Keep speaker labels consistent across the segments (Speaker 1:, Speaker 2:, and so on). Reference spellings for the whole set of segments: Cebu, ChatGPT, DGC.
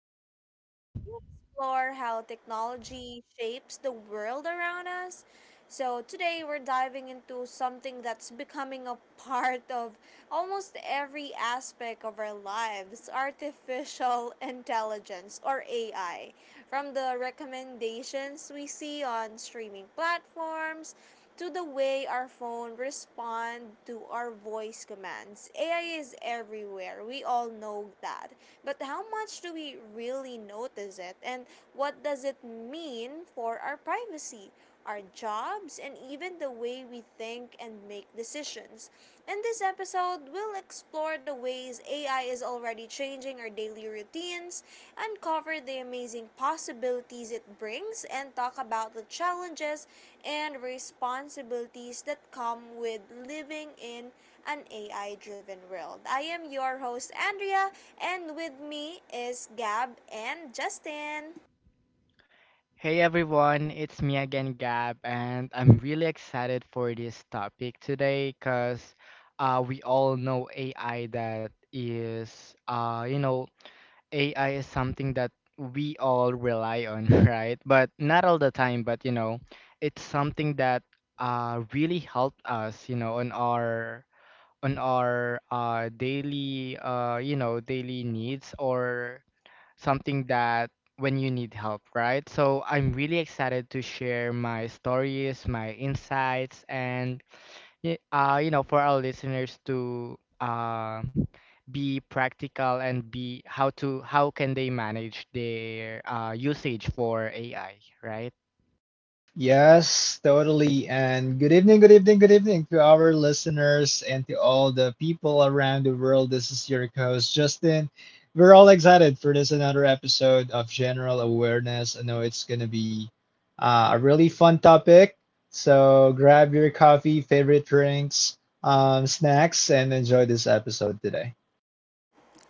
Speaker 1: show where we explore how technology shapes the world around us. So today we're diving into something that's becoming a part of almost every aspect of our lives, artificial intelligence, or AI. From the recommendations we see on streaming platforms to the way our phone respond to our voice commands, AI is everywhere. We all know that. But how much do we really notice it, and what does it mean for our privacy, our jobs, and even the way we think and make decisions? In this episode, we'll explore the ways AI is already changing our daily routines, uncover the amazing possibilities it brings, and talk about the challenges and responsibilities that come with living in an AI driven world. I am your host, Andrea, and with me is Gab and Justin.
Speaker 2: Hey everyone, it's me again, Gab, and I'm really excited for this topic today because we all know AI that is, uh, you know, AI is something that we all rely on, right? But not all the time, but it's something that really helped us, you know, on our on our daily needs or something that when you need help, right? So I'm really excited to share my stories, my insights, and for our listeners to be practical and be how to how can they manage their usage for AI, right?
Speaker 3: Yes, totally. And good evening, good evening, good evening to our listeners and to all the people around the world. This is your host, Justin. We're all excited for this another episode of General Awareness. I know it's going to be a really fun topic. So grab your coffee, favorite drinks, snacks, and enjoy this episode today.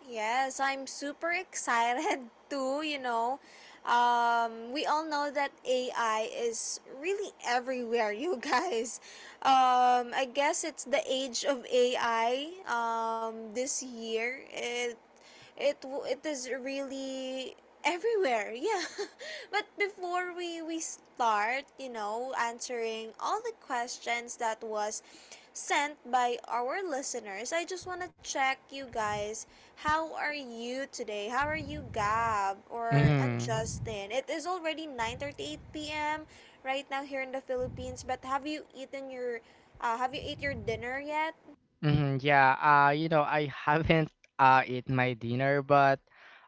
Speaker 1: Yes, I'm super excited too, you know. We all know that AI is really everywhere, you guys. I guess it's the age of AI this year. It is really everywhere, yeah. But before we start, answering all the questions that was sent by our listeners, I just want to check you guys, how are you today? How are you, Gab or and
Speaker 2: Mm-hmm.
Speaker 1: Justin? It is already 9:38 p.m. right now here in the Philippines. But have you eaten your have you ate your dinner yet?
Speaker 2: Mhm, yeah, I haven't eat my dinner, but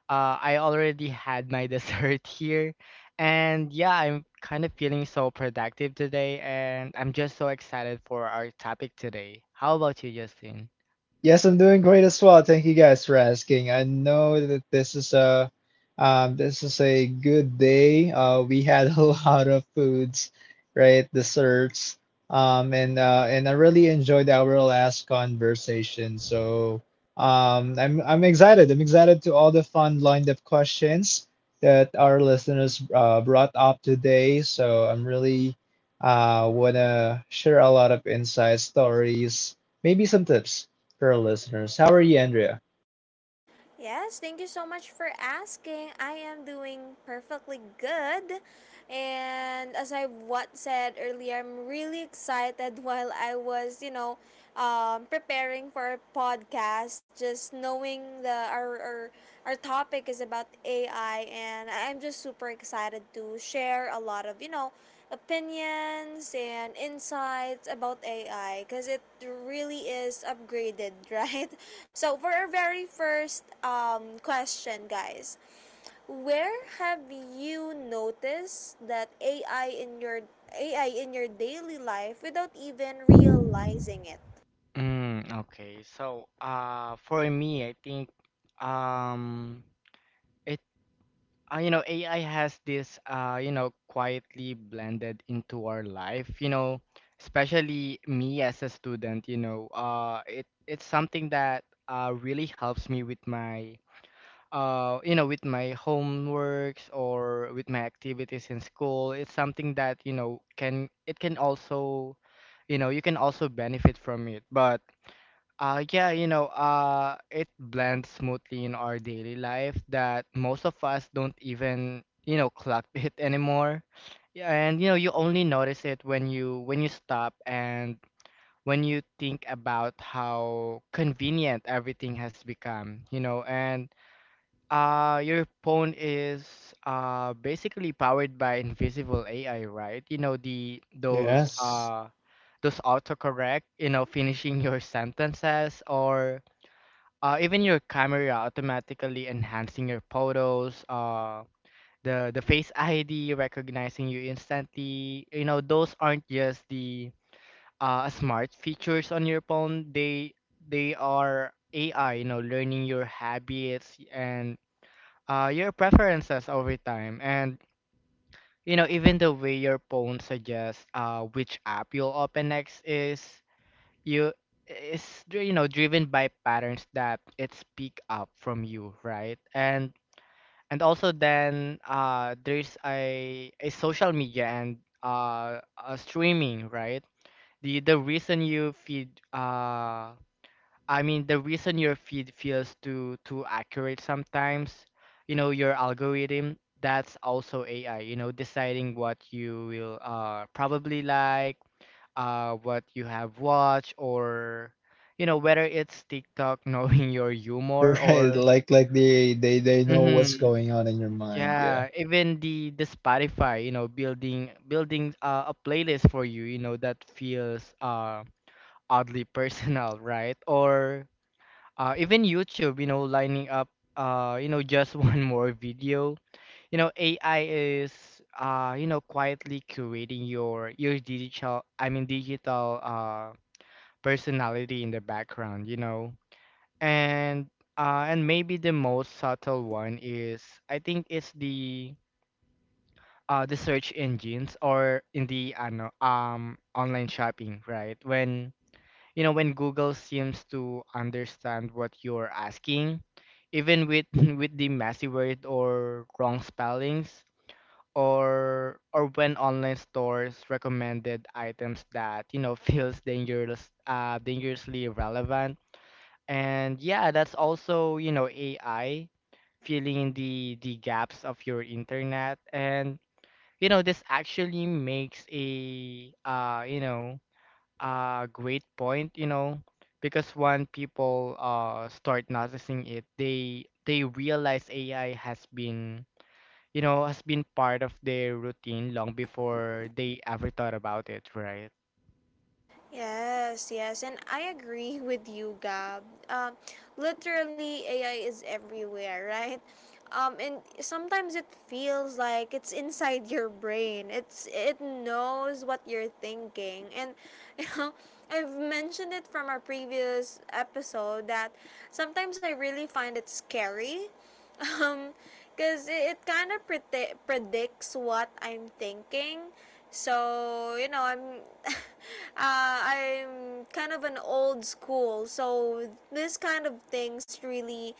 Speaker 2: I already had my dessert here. And yeah, I'm kind of feeling so productive today, and I'm just so excited for our topic today. How about you, Justin?
Speaker 3: Yes, I'm doing great as well. Thank you guys for asking. I know that this is a good day. We had a lot of foods, right? Desserts. And I really enjoyed our last conversation. So I'm excited. I'm excited to all the fun lined up questions that our listeners brought up today. So I'm really wanna share a lot of insights, stories, maybe some tips for our listeners. How are you, Andrea?
Speaker 1: Yes, thank you so much for asking. I am doing perfectly good. And as I what said earlier, I'm really excited while I was, you know, preparing for a podcast, just knowing the our our topic is about AI, and I'm just super excited to share a lot of, you know, opinions and insights about AI because it really is upgraded, right? So, for our very first question, guys, where have you noticed that AI in your daily life without even realizing it?
Speaker 2: Okay. For me, I think um, it AI has this, quietly blended into our life. You know, especially me as a student. You know, it's something that really helps me with with my homeworks or with my activities in school. It's something that can also, you know, you can also benefit from it. But yeah, it blends smoothly in our daily life that most of us don't even, you know, clock it anymore. Yeah, and you know, you only notice it when you stop and when you think about how convenient everything has become, you know, and your phone is basically powered by invisible AI, right? You know the
Speaker 3: Yes.
Speaker 2: those autocorrect, you know, finishing your sentences or even your camera automatically enhancing your photos, the face ID recognizing you instantly. You know, those aren't just the smart features on your phone. They are AI, you know, learning your habits and your preferences over time, and you know, even the way your phone suggests which app you'll open next is you is dri- you know driven by patterns that it's pick up from you, right? And also then there's a social media and uh, a streaming, right? The the reason you feed uh, I mean, the reason your feed feels too accurate sometimes, you know, your algorithm, that's also AI, you know, deciding what you will probably like, what you have watched, or you know, whether it's TikTok knowing your humor
Speaker 3: Right,
Speaker 2: or
Speaker 3: like like they know what's
Speaker 2: hmm
Speaker 3: going on in your mind. Yeah.
Speaker 2: yeah, even the Spotify, you know, building a playlist for you, you know, that feels oddly personal, right? Or even YouTube, you know, lining up, just one more video. You know, AI is, quietly curating your digital, personality in the background, you know, and and maybe the most subtle one is, I think, it's the search engines or in the online shopping, right? When you know, when Google seems to understand what you're asking even with with the messy word or wrong spellings, or when online stores recommended items that you know feels dangerously relevant. And yeah, that's also, you know, AI filling in the gaps of your internet. And you know, this actually makes a a great point, you know, because when people start noticing it, they realize AI has been, you know, has been part of their routine long before they ever thought about it, right?
Speaker 1: Yes, yes, and I agree with you, Gab. Um, Literally, AI is everywhere, right? And sometimes it feels like it's inside your brain. It knows what you're thinking, and you know, I've mentioned it from our previous episode that sometimes I really find it scary. Um, because it kind of predicts what I'm thinking. So you know, I'm I'm kind of an old school, so this kind of things really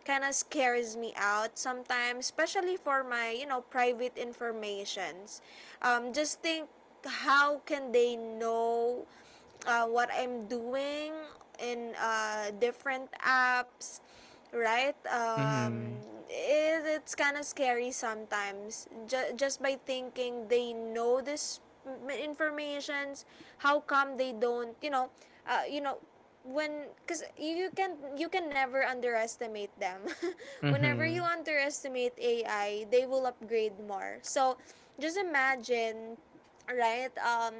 Speaker 1: kind of scares me out sometimes, especially for my, you know, private informations. Um, just think, how can they know what I'm doing in different apps, right?
Speaker 2: Mm-hmm.
Speaker 1: It's kind of scary sometimes. Just by thinking they know this informations, how come they don't? You know, uh, you know, when, because you can never underestimate them. Whenever
Speaker 2: Mm-hmm.
Speaker 1: you underestimate AI, they will upgrade more. So just imagine, right? Um,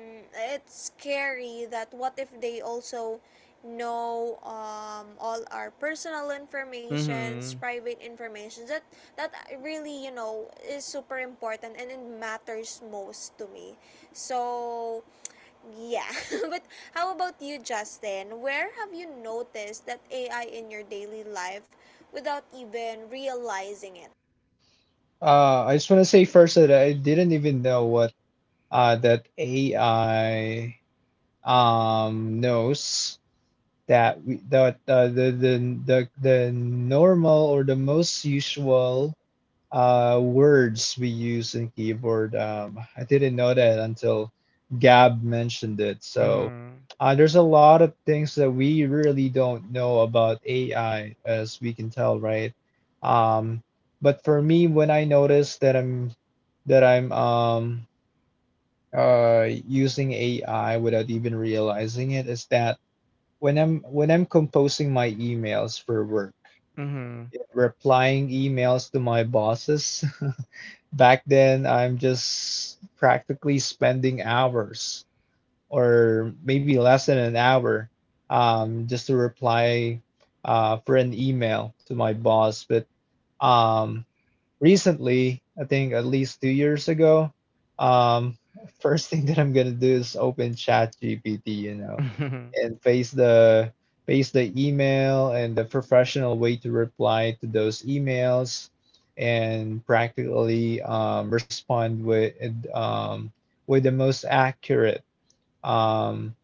Speaker 1: it's scary that what if they also know, um, all our personal informations,
Speaker 2: Mm-hmm.
Speaker 1: private information, that that really, you know, is super important and it matters most to me. So yeah, but how about you, Justin? Where have you noticed that AI in your daily life without even realizing it?
Speaker 3: I just want to say first that I didn't even know what that AI knows that we that the normal or the most usual words we use in keyboard. I didn't know that until Gab mentioned it. So there's a lot of things that we really don't know about AI, as we can tell, right? Um, but for me, when I notice that I'm using AI without even realizing it, is that when I'm composing my emails for work,
Speaker 2: Mm-hmm. Mm-hmm.
Speaker 3: replying emails to my bosses. Back then, I'm just practically spending hours or maybe less than an hour just to reply for an email to my boss. But um, recently, I think at least 2 years ago, um, first thing that I'm gonna do is open Chat GPT, you know, and paste the email and the professional way to reply to those emails and practically respond um, with the most accurate um,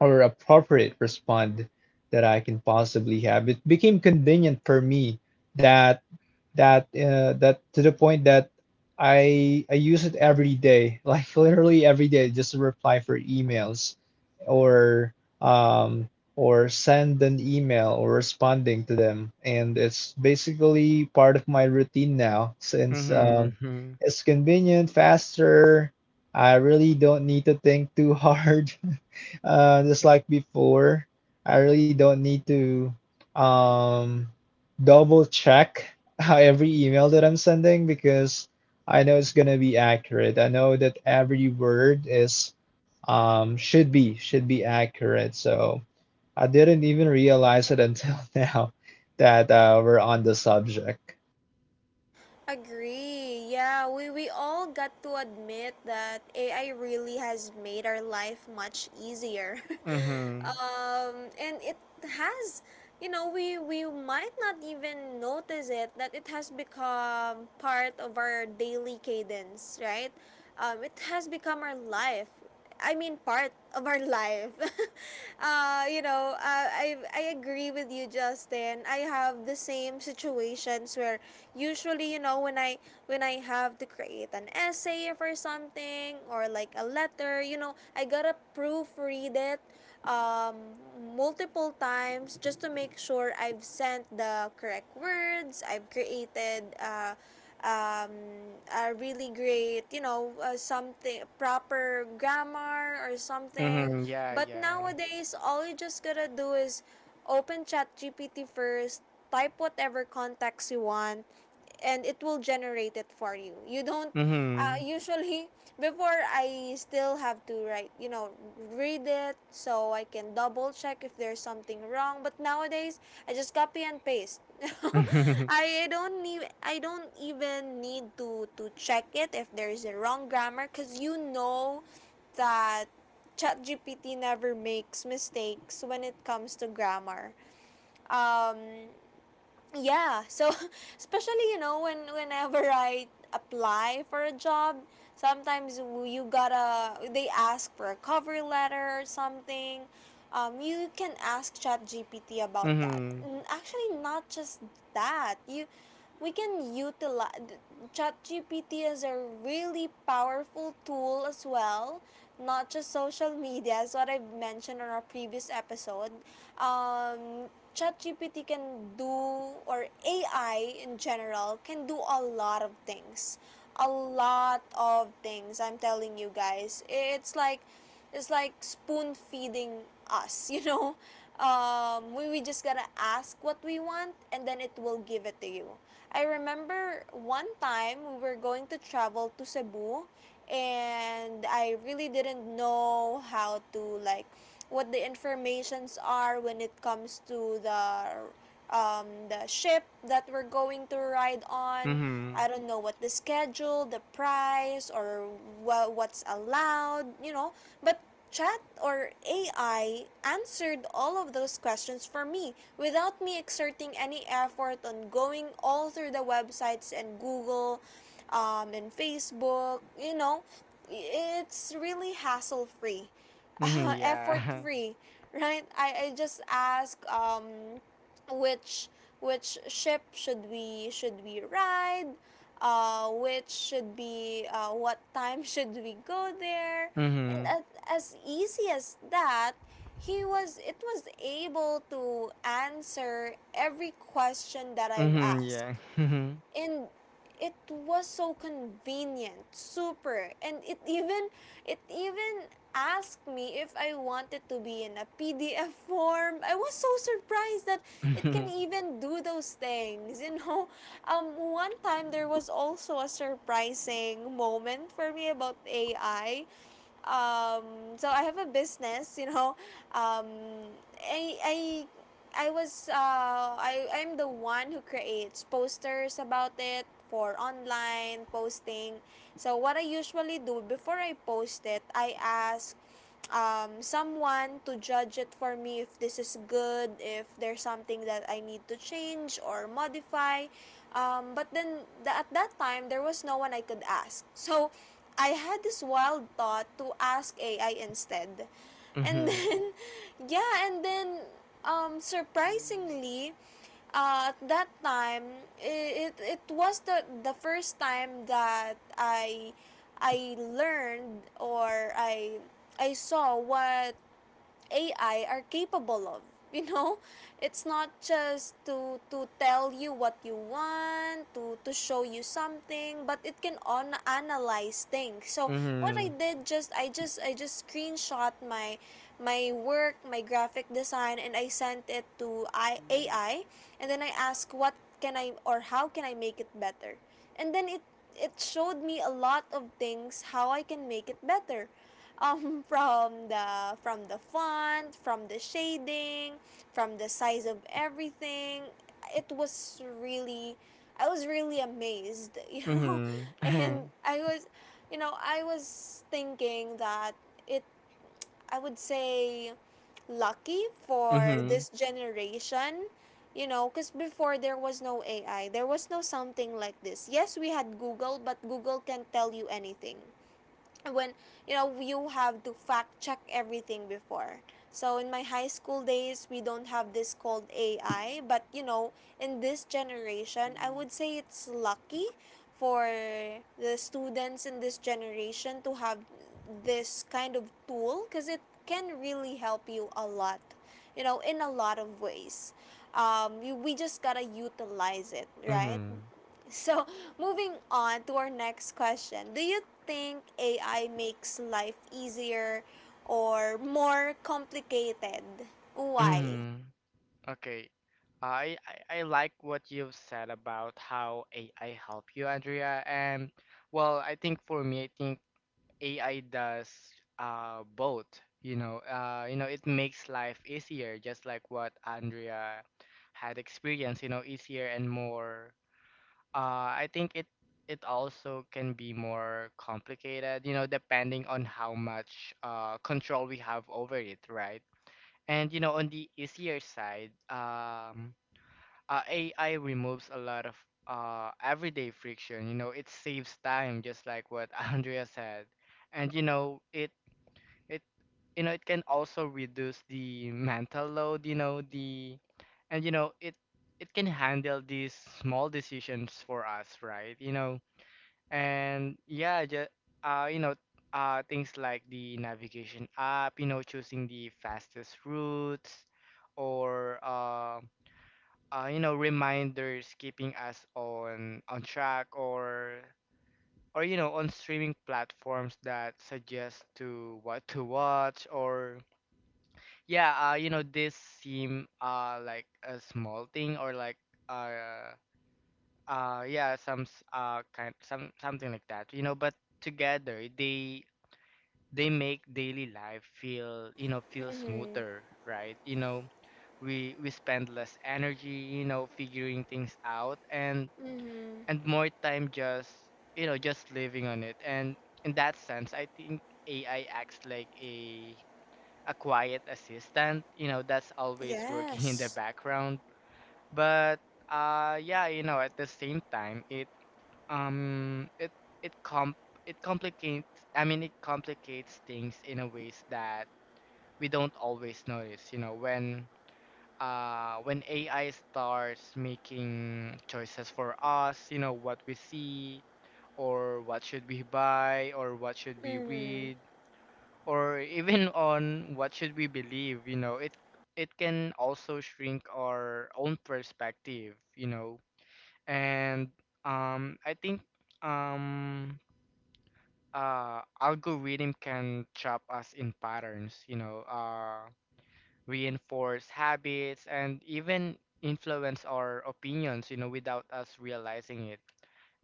Speaker 3: or appropriate respond that I can possibly have. It became convenient for me that that to the point that I use it every day, like literally every day, just to reply for emails or um or send an email or responding to them, and it's basically part of my routine now since
Speaker 2: Mm-hmm. Mm-hmm.
Speaker 3: it's convenient, faster. I really don't need to think too hard. Just like before, I really don't need to um, double check how every email that I'm sending because I know it's gonna be accurate. I know that every word is should be accurate. So I didn't even realize it until now that we're on the subject.
Speaker 1: Agree. Yeah, we all got to admit that AI really has made our life much easier.
Speaker 2: Mm-hmm.
Speaker 1: Um, and it has, you know, we might not even notice it that it has become part of our daily cadence, right? It has become our life. I mean, part of our life. I agree with you, Justin. I have the same situations where usually, you know, when I have to create an essay for something or like a letter, you know, I gotta proofread it, um, multiple times just to make sure I've sent the correct words. I've created. Um, a really great, you know, something, proper grammar or something.
Speaker 2: Mm-hmm. Yeah,
Speaker 1: But
Speaker 2: yeah.
Speaker 1: nowadays, all you just gotta do is open ChatGPT first, type whatever context you want, and it will generate it for you. You don't
Speaker 2: Mm-hmm.
Speaker 1: usually, before, I still have to write, you know, read it so I can double check if there's something wrong. But nowadays, I just copy and paste. I don't need, I don't even need to check it if there's a wrong grammar, cause you know that ChatGPT never makes mistakes when it comes to grammar. Um, yeah, so especially, you know, when whenever I apply for a job, sometimes you gotta, they ask for a cover letter or something. Um, you can ask chat gpt about that.
Speaker 2: Mm-hmm.
Speaker 1: Actually, not just that, you we can utilize ChatGPT as a really powerful tool as well, not just social media, as what I've mentioned on our previous episode. Um, ChatGPT can do, or AI in general, can do a lot of things. A lot of things, I'm telling you guys. It's like Is like spoon feeding us, you know? We just gotta ask what we want and then it will give it to you. I remember one time we were going to travel to Cebu, and I really didn't know how to, like, what the informations are when it comes to the, the ship that we're going to ride on.
Speaker 2: Mm-hmm.
Speaker 1: I don't know what the schedule, the price, or what's allowed, you know. But chat or AI answered all of those questions for me without me exerting any effort on going all through the websites and Google and Facebook, you know. It's really hassle free,
Speaker 2: Mm-hmm.
Speaker 1: effort
Speaker 2: Yeah.
Speaker 1: free, right? I just ask, which which ship should we ride, which should be, what time should we go there. And
Speaker 2: Mm-hmm.
Speaker 1: as easy as that, he was it was able to answer every question that I've
Speaker 2: Mhm,
Speaker 1: asked.
Speaker 2: yeah. Mhm.
Speaker 1: And it was so convenient, super. And it even, it even asked me if I wanted to be in a PDF form. I was so surprised that it can
Speaker 2: Mhm.
Speaker 1: even do those things, you know. Um, one time there was also a surprising moment for me about AI. Um, so I have a business, you know. Um, I I was, I'm the one who creates posters about it for online posting. So what I usually do before I post it, I ask someone to judge it for me if this is good, if there's something that I need to change or modify. But then at that time, there was no one I could ask. So I had this wild thought to ask AI instead. And
Speaker 2: Mhm.
Speaker 1: then, yeah, and then, surprisingly, at that time, it was the first time that I learned, or I saw what AI are capable of. You know, it's not just to tell you what you want, to show you something, but it can on analyze things. So what I
Speaker 2: Mhm.
Speaker 1: did, just I just screenshot my my work, my graphic design, and I sent it to A I, AI, and then I asked what can I, or how can I make it better, and then it showed me a lot of things, how I can make it better, um, from the font, from the shading, from the size of everything. It was really, I was really amazed, you know. And
Speaker 2: Mhm.
Speaker 1: I was, you know, I was thinking that it, I would say, lucky for
Speaker 2: Mhm.
Speaker 1: this generation, you know, because before there was no AI, there was no something like this. Yes, we had Google, but Google can't tell you anything when, you know, you have to fact check everything before. So in my high school days, we don't have this called AI, but you know, in this generation, I would say it's lucky for the students in this generation to have this kind of tool because it can really help you a lot, you know, in a lot of ways. Um, you, we just gotta utilize it right.
Speaker 2: Mhm.
Speaker 1: So, moving on to our next question. Do you think AI makes life easier or more complicated? Why?
Speaker 2: Mhm. Okay. I like what you've said about how AI help you, Andrea. And well, I think for me, I think AI does both. It makes life easier, just like what Andrea had experienced. You know, easier and more I think it also can be more complicated, you know, depending on how much control we have over it, right? And you know, on the easier side, AI removes a lot of everyday friction. You know, it saves time, just like what Andrea said, and you know, it you know, it can also reduce the mental load, you know, the and you know it it can handle these small decisions for us, right? You know, and yeah, just uh you know things like the navigation app, you know, choosing the fastest routes or you know, reminders keeping us on track, or you know, on streaming platforms that suggest to what to watch, or yeah, you know, this seem like a small thing, or like uh yeah, some s- kind some something like that, you know, but together they make daily life feel, you know, feel
Speaker 1: Mhm.
Speaker 2: smoother, right? You know, we spend less energy, you know, figuring things out,
Speaker 1: Mhm.
Speaker 2: and more time just, you know, just living on it. And in that sense, I think AI acts like a quiet assistant, you know, that's always working in the
Speaker 1: Yes.
Speaker 2: background. But yeah, you know, at the same time um it it comp it complicates, I mean, it complicates things in a ways that we don't always notice, you know, when AI starts making choices for us, you know, what we see, or what should we buy, or what should we
Speaker 1: Mhm.
Speaker 2: read, or even on what should we believe, you know, it can also shrink our own perspective, you know. And I think um algorithm can trap us in patterns, you know, reinforce habits, and even influence our opinions, you know, without us realizing it.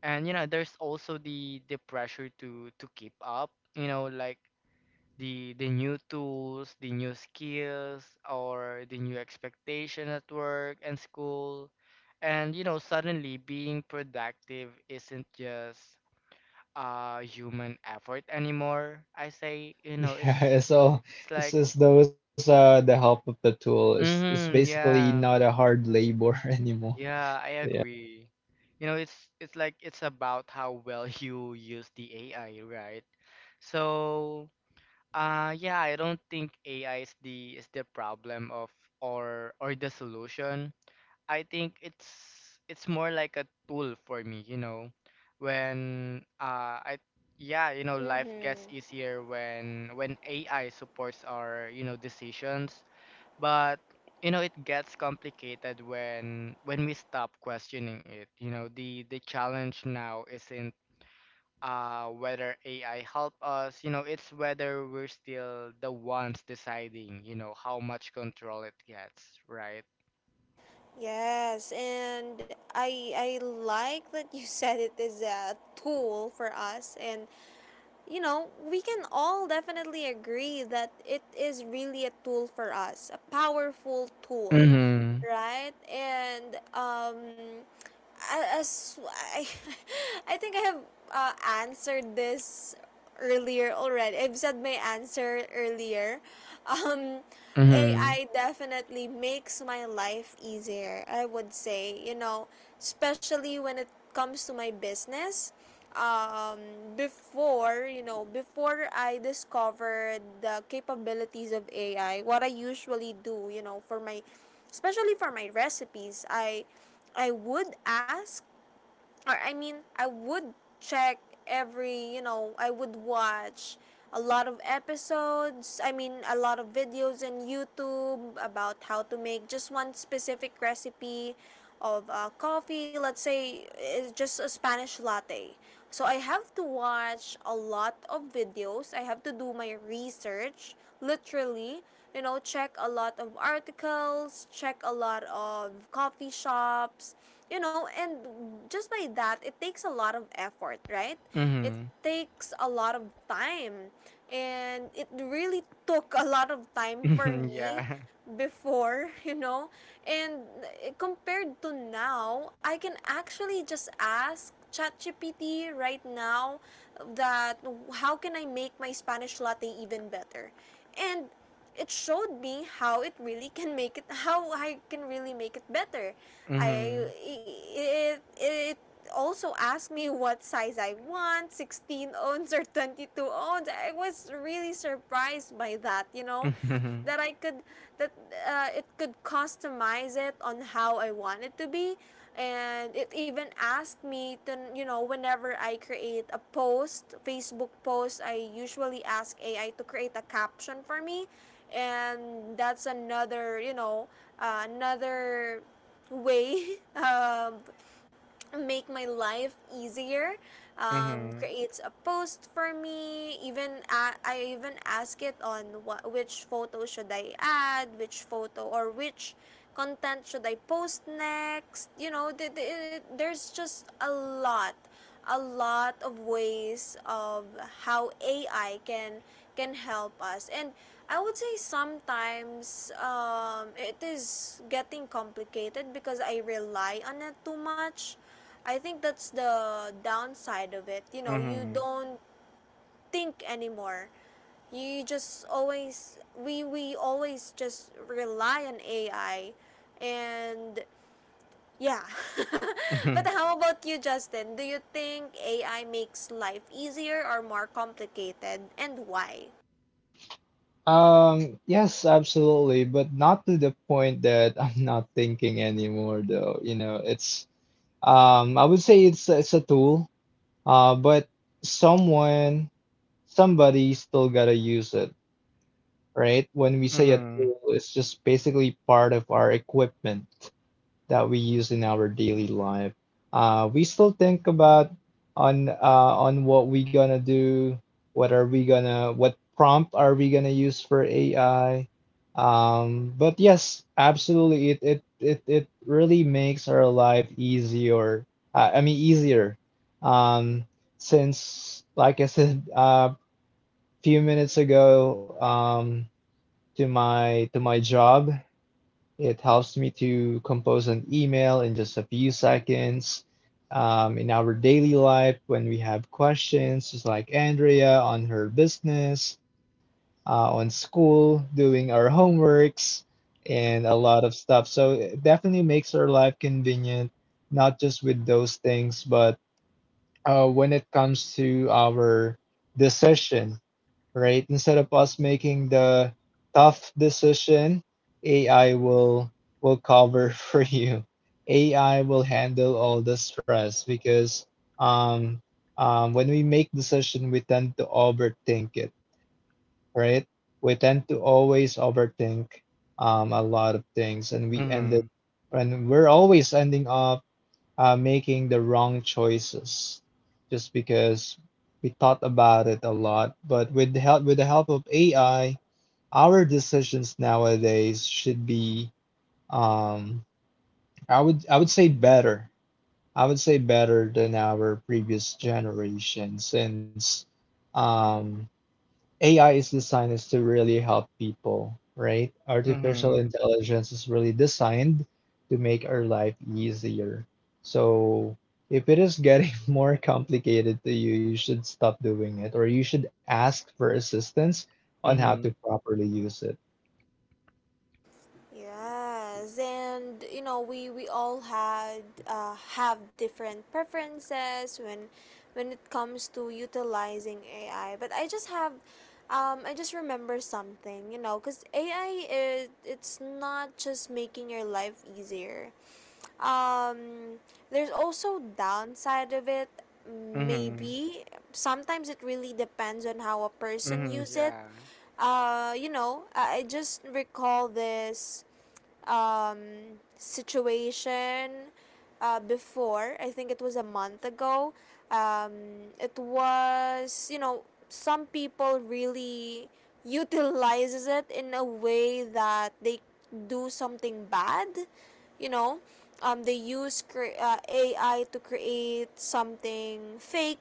Speaker 2: And you know, there's also the pressure to keep up, you know, like the new tools, the new skills, or the new expectation at work and school. And you know, suddenly being productive isn't just human effort anymore. I say, you know, it's
Speaker 3: Yeah, so
Speaker 2: it's
Speaker 3: it's
Speaker 2: like
Speaker 3: just those the help of the tool is it's
Speaker 2: mm-hmm,
Speaker 3: basically
Speaker 2: yeah,
Speaker 3: not a hard labor anymore.
Speaker 2: yeah, I
Speaker 3: So, yeah.
Speaker 2: agree. You know, it's like it's about how well you use the AI, right? So yeah, I don't think AI is the problem of or the solution. I think it's more like a tool for me, you know. When I Yeah, you know, life gets
Speaker 1: Mhm.
Speaker 2: easier when AI supports our, you know, decisions, but you know, it gets complicated when we stop questioning it. You know, the challenge now is in whether AI help us. You know, it's whether we're still the ones deciding. You know how much control it gets, right?
Speaker 1: Yes, and I like that you said it is a tool for us, and you know, we can all definitely agree that it is really a tool for us, a powerful tool,
Speaker 2: Mm-hmm.
Speaker 1: right? And as I, I think I have, uh, answered this earlier already. I've said my answer earlier. Um,
Speaker 2: Mm-hmm.
Speaker 1: AI definitely makes my life easier, I would say, especially when it comes to my business. um, before you know before I discovered the capabilities of AI, what I usually do, you know, for my especially for my recipes, I would ask or I would check every, I would watch a lot of episodes, a lot of videos in YouTube about how to make just one specific recipe of coffee. Let's say it's just a Spanish latte, so I have to watch a lot of videos. I have to do my research, literally, you know, check a lot of articles, check a lot of coffee shops, you know. And just by that, it takes a lot of effort, right? It
Speaker 2: Mm-hmm.
Speaker 1: takes a lot of time, and it really took a lot of time for
Speaker 2: Mm-hmm.
Speaker 1: me
Speaker 2: Yeah.
Speaker 1: before, you know. And compared to now, I can actually just ask ChatGPT right now that how can I make my Spanish latte even better? And it showed me how it really can make it how I can really make it better. I
Speaker 2: Mm-hmm.
Speaker 1: it it also asked me what size I want, 16-ounce or 22-ounce. I was really surprised by that, you know,
Speaker 2: Mm-hmm.
Speaker 1: that I could, that it could customize it on how I want it to be. And it even asked me to, you know, whenever I create a post, Facebook post, I usually ask AI to create a caption for me. And that's another, you know, another way, make my life easier.
Speaker 2: Mm-hmm.
Speaker 1: Creates a post for me. Even a, I even ask it on what, which photo should I add, which photo or which content should I post next, you know? There's just a lot of ways of how AI can help us. And I would say sometimes it is getting complicated because I rely on it too much. I think that's the downside of it. You know, you
Speaker 2: Mm-hmm.
Speaker 1: don't think anymore. You just always we always just rely on AI. And yeah. But how about you, Justin? Do you think AI makes life easier or more complicated, and why?
Speaker 3: Yes, absolutely, but not to the point that I'm not thinking anymore though. You know, it's I would say it's a tool, uh, but someone somebody still gotta use it, right? When we
Speaker 2: Mm-hmm.
Speaker 3: say a
Speaker 2: Mm-hmm.
Speaker 3: tool, it's just basically part of our equipment that we use in our daily life. We still think about on uh, on what we gonna do, what prompt are we gonna use for AI. But yes, absolutely, it really makes our life easier. I mean easier. Um, since like I said a few minutes ago, to my job, it helps me to compose an email in just a few seconds. In our daily life, when we have questions, just like Andrea on her business, on school, doing our homeworks, and a lot of stuff. So it definitely makes our life convenient, not just with those things, but when it comes to our decision, right? Instead of us making the tough decision, AI will cover for you. AI will handle all the stress because um, when we make decision, we tend to overthink it, right? We tend to always overthink a lot of things,
Speaker 2: Mm-hmm.
Speaker 3: and we're always ending up making the wrong choices just because we thought about it a lot. But with the help of AI, our decisions nowadays should be um, I would say better. I would say better than our previous generation since um, AI is designed is to really help people, right? Artificial
Speaker 2: Mm-hmm.
Speaker 3: intelligence is really designed to make our life easier. So if it is getting more complicated to you, you should stop doing it or you should ask for assistance on how to
Speaker 2: Mm-hmm.
Speaker 3: properly use it.
Speaker 1: Yes, and you know we all had have different preferences when it comes to utilizing AI. But I just have, I just remember something, you know, because AI is, it's not just making your life easier. Um, there's also downside of it.
Speaker 2: Mm-hmm.
Speaker 1: Maybe sometimes it really depends on how a person
Speaker 2: Mm-hmm.
Speaker 1: use it.
Speaker 2: Yeah.
Speaker 1: You know, I just recall this situation before. I think it was a month ago. It was, you know, some people really utilizes it in a way that they do something bad. You know, they use AI to create something fake.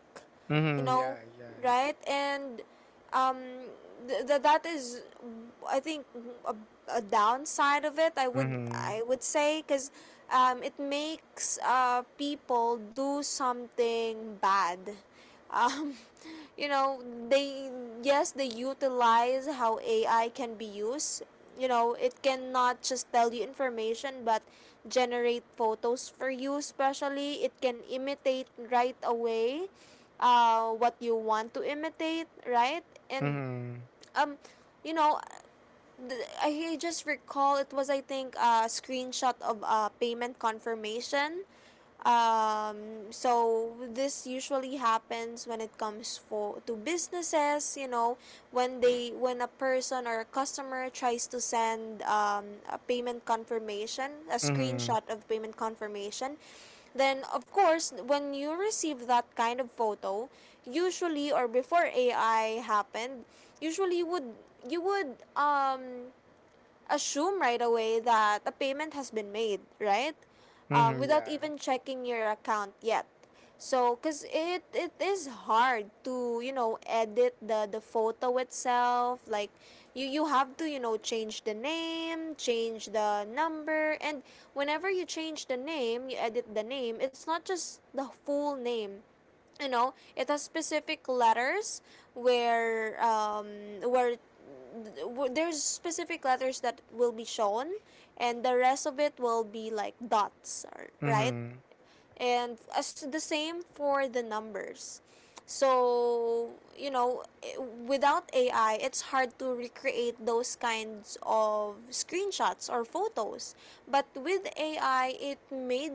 Speaker 1: You
Speaker 2: Mm-hmm. Yeah.
Speaker 1: know,
Speaker 2: Yeah.
Speaker 1: right? And um that is, I think, a, a downside of it, I would
Speaker 2: Mm-hmm.
Speaker 1: say. Because it makes people do something bad. um, you know, they, yes, they utilize how AI can be used. You know, it cannot just tell you information, but generate photos for you. Especially, it can imitate right away what you want to imitate, right? And
Speaker 2: Mm-hmm.
Speaker 1: um you know, I just recall it was, I think, a screenshot of a payment confirmation. So this usually happens when it comes for to businesses, you know, when they, when a person or a customer tries to send a payment confirmation, a
Speaker 2: Mm-hmm.
Speaker 1: screenshot of payment confirmation. Then of course, when you receive that kind of photo, usually, or before AI happened, usually would, you would assume right away that a payment has been made, right?
Speaker 2: Mm-hmm.
Speaker 1: Without
Speaker 2: Yeah.
Speaker 1: even checking your account yet. So, cause it is hard to, you know, edit the photo itself. Like, you have to, you know, change the name, change the number. And whenever you change the name, you edit the name, it's not just the full name. You know, it has specific letters where where there's specific letters that will be shown, and the rest of it will be like dots, right?
Speaker 2: Mm-hmm.
Speaker 1: And as the same for the numbers. So, you know, without AI, it's hard to recreate those kinds of screenshots or photos. But with AI, it made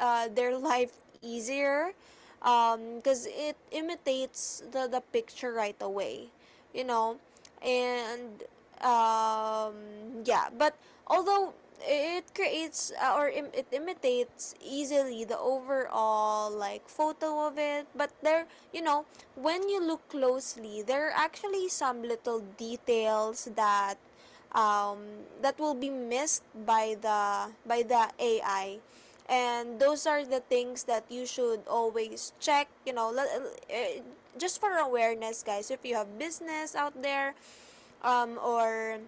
Speaker 1: their life easier, because it imitates the picture right away, you know. And um yeah, but although it creates it imitates easily the overall, like, photo of it, but there, you know, when you look closely, there are actually some little details that that will be missed by the AI. And those are the things that you should always check, you know. Just for awareness, guys, if you have business out there, or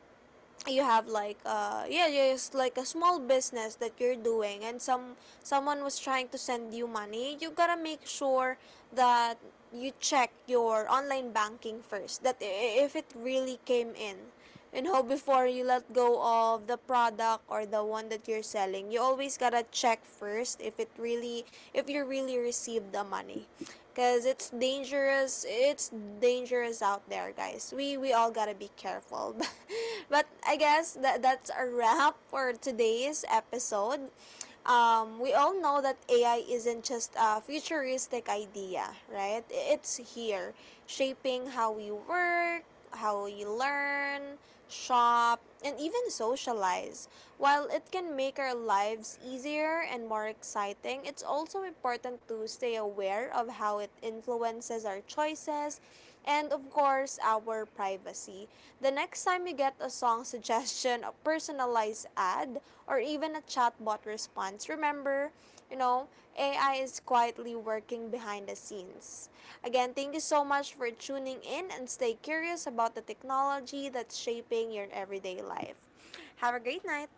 Speaker 1: you have like yeah, just like a small business that you're doing, and some, someone was trying to send you money, you gotta make sure that you check your online banking first, that if it really came in, you know, before you let go of the product or the one that you're selling. You always gotta check first if it really, if you really received the money. Cause it's dangerous. It's dangerous out there, guys. We all gotta be careful. But I guess that's a wrap for today's episode. We all know that AI isn't just a futuristic idea, right? It's here, shaping how we work, how we learn, shop, and even socialize. While it can make our lives easier and more exciting, it's also important to stay aware of how it influences our choices, and of course, our privacy. The next time you get a song suggestion, a personalized ad, or even a chatbot response, remember, you know, AI is quietly working behind the scenes. Again, thank you so much for tuning in, and stay curious about the technology that's shaping your everyday life. Have a great night.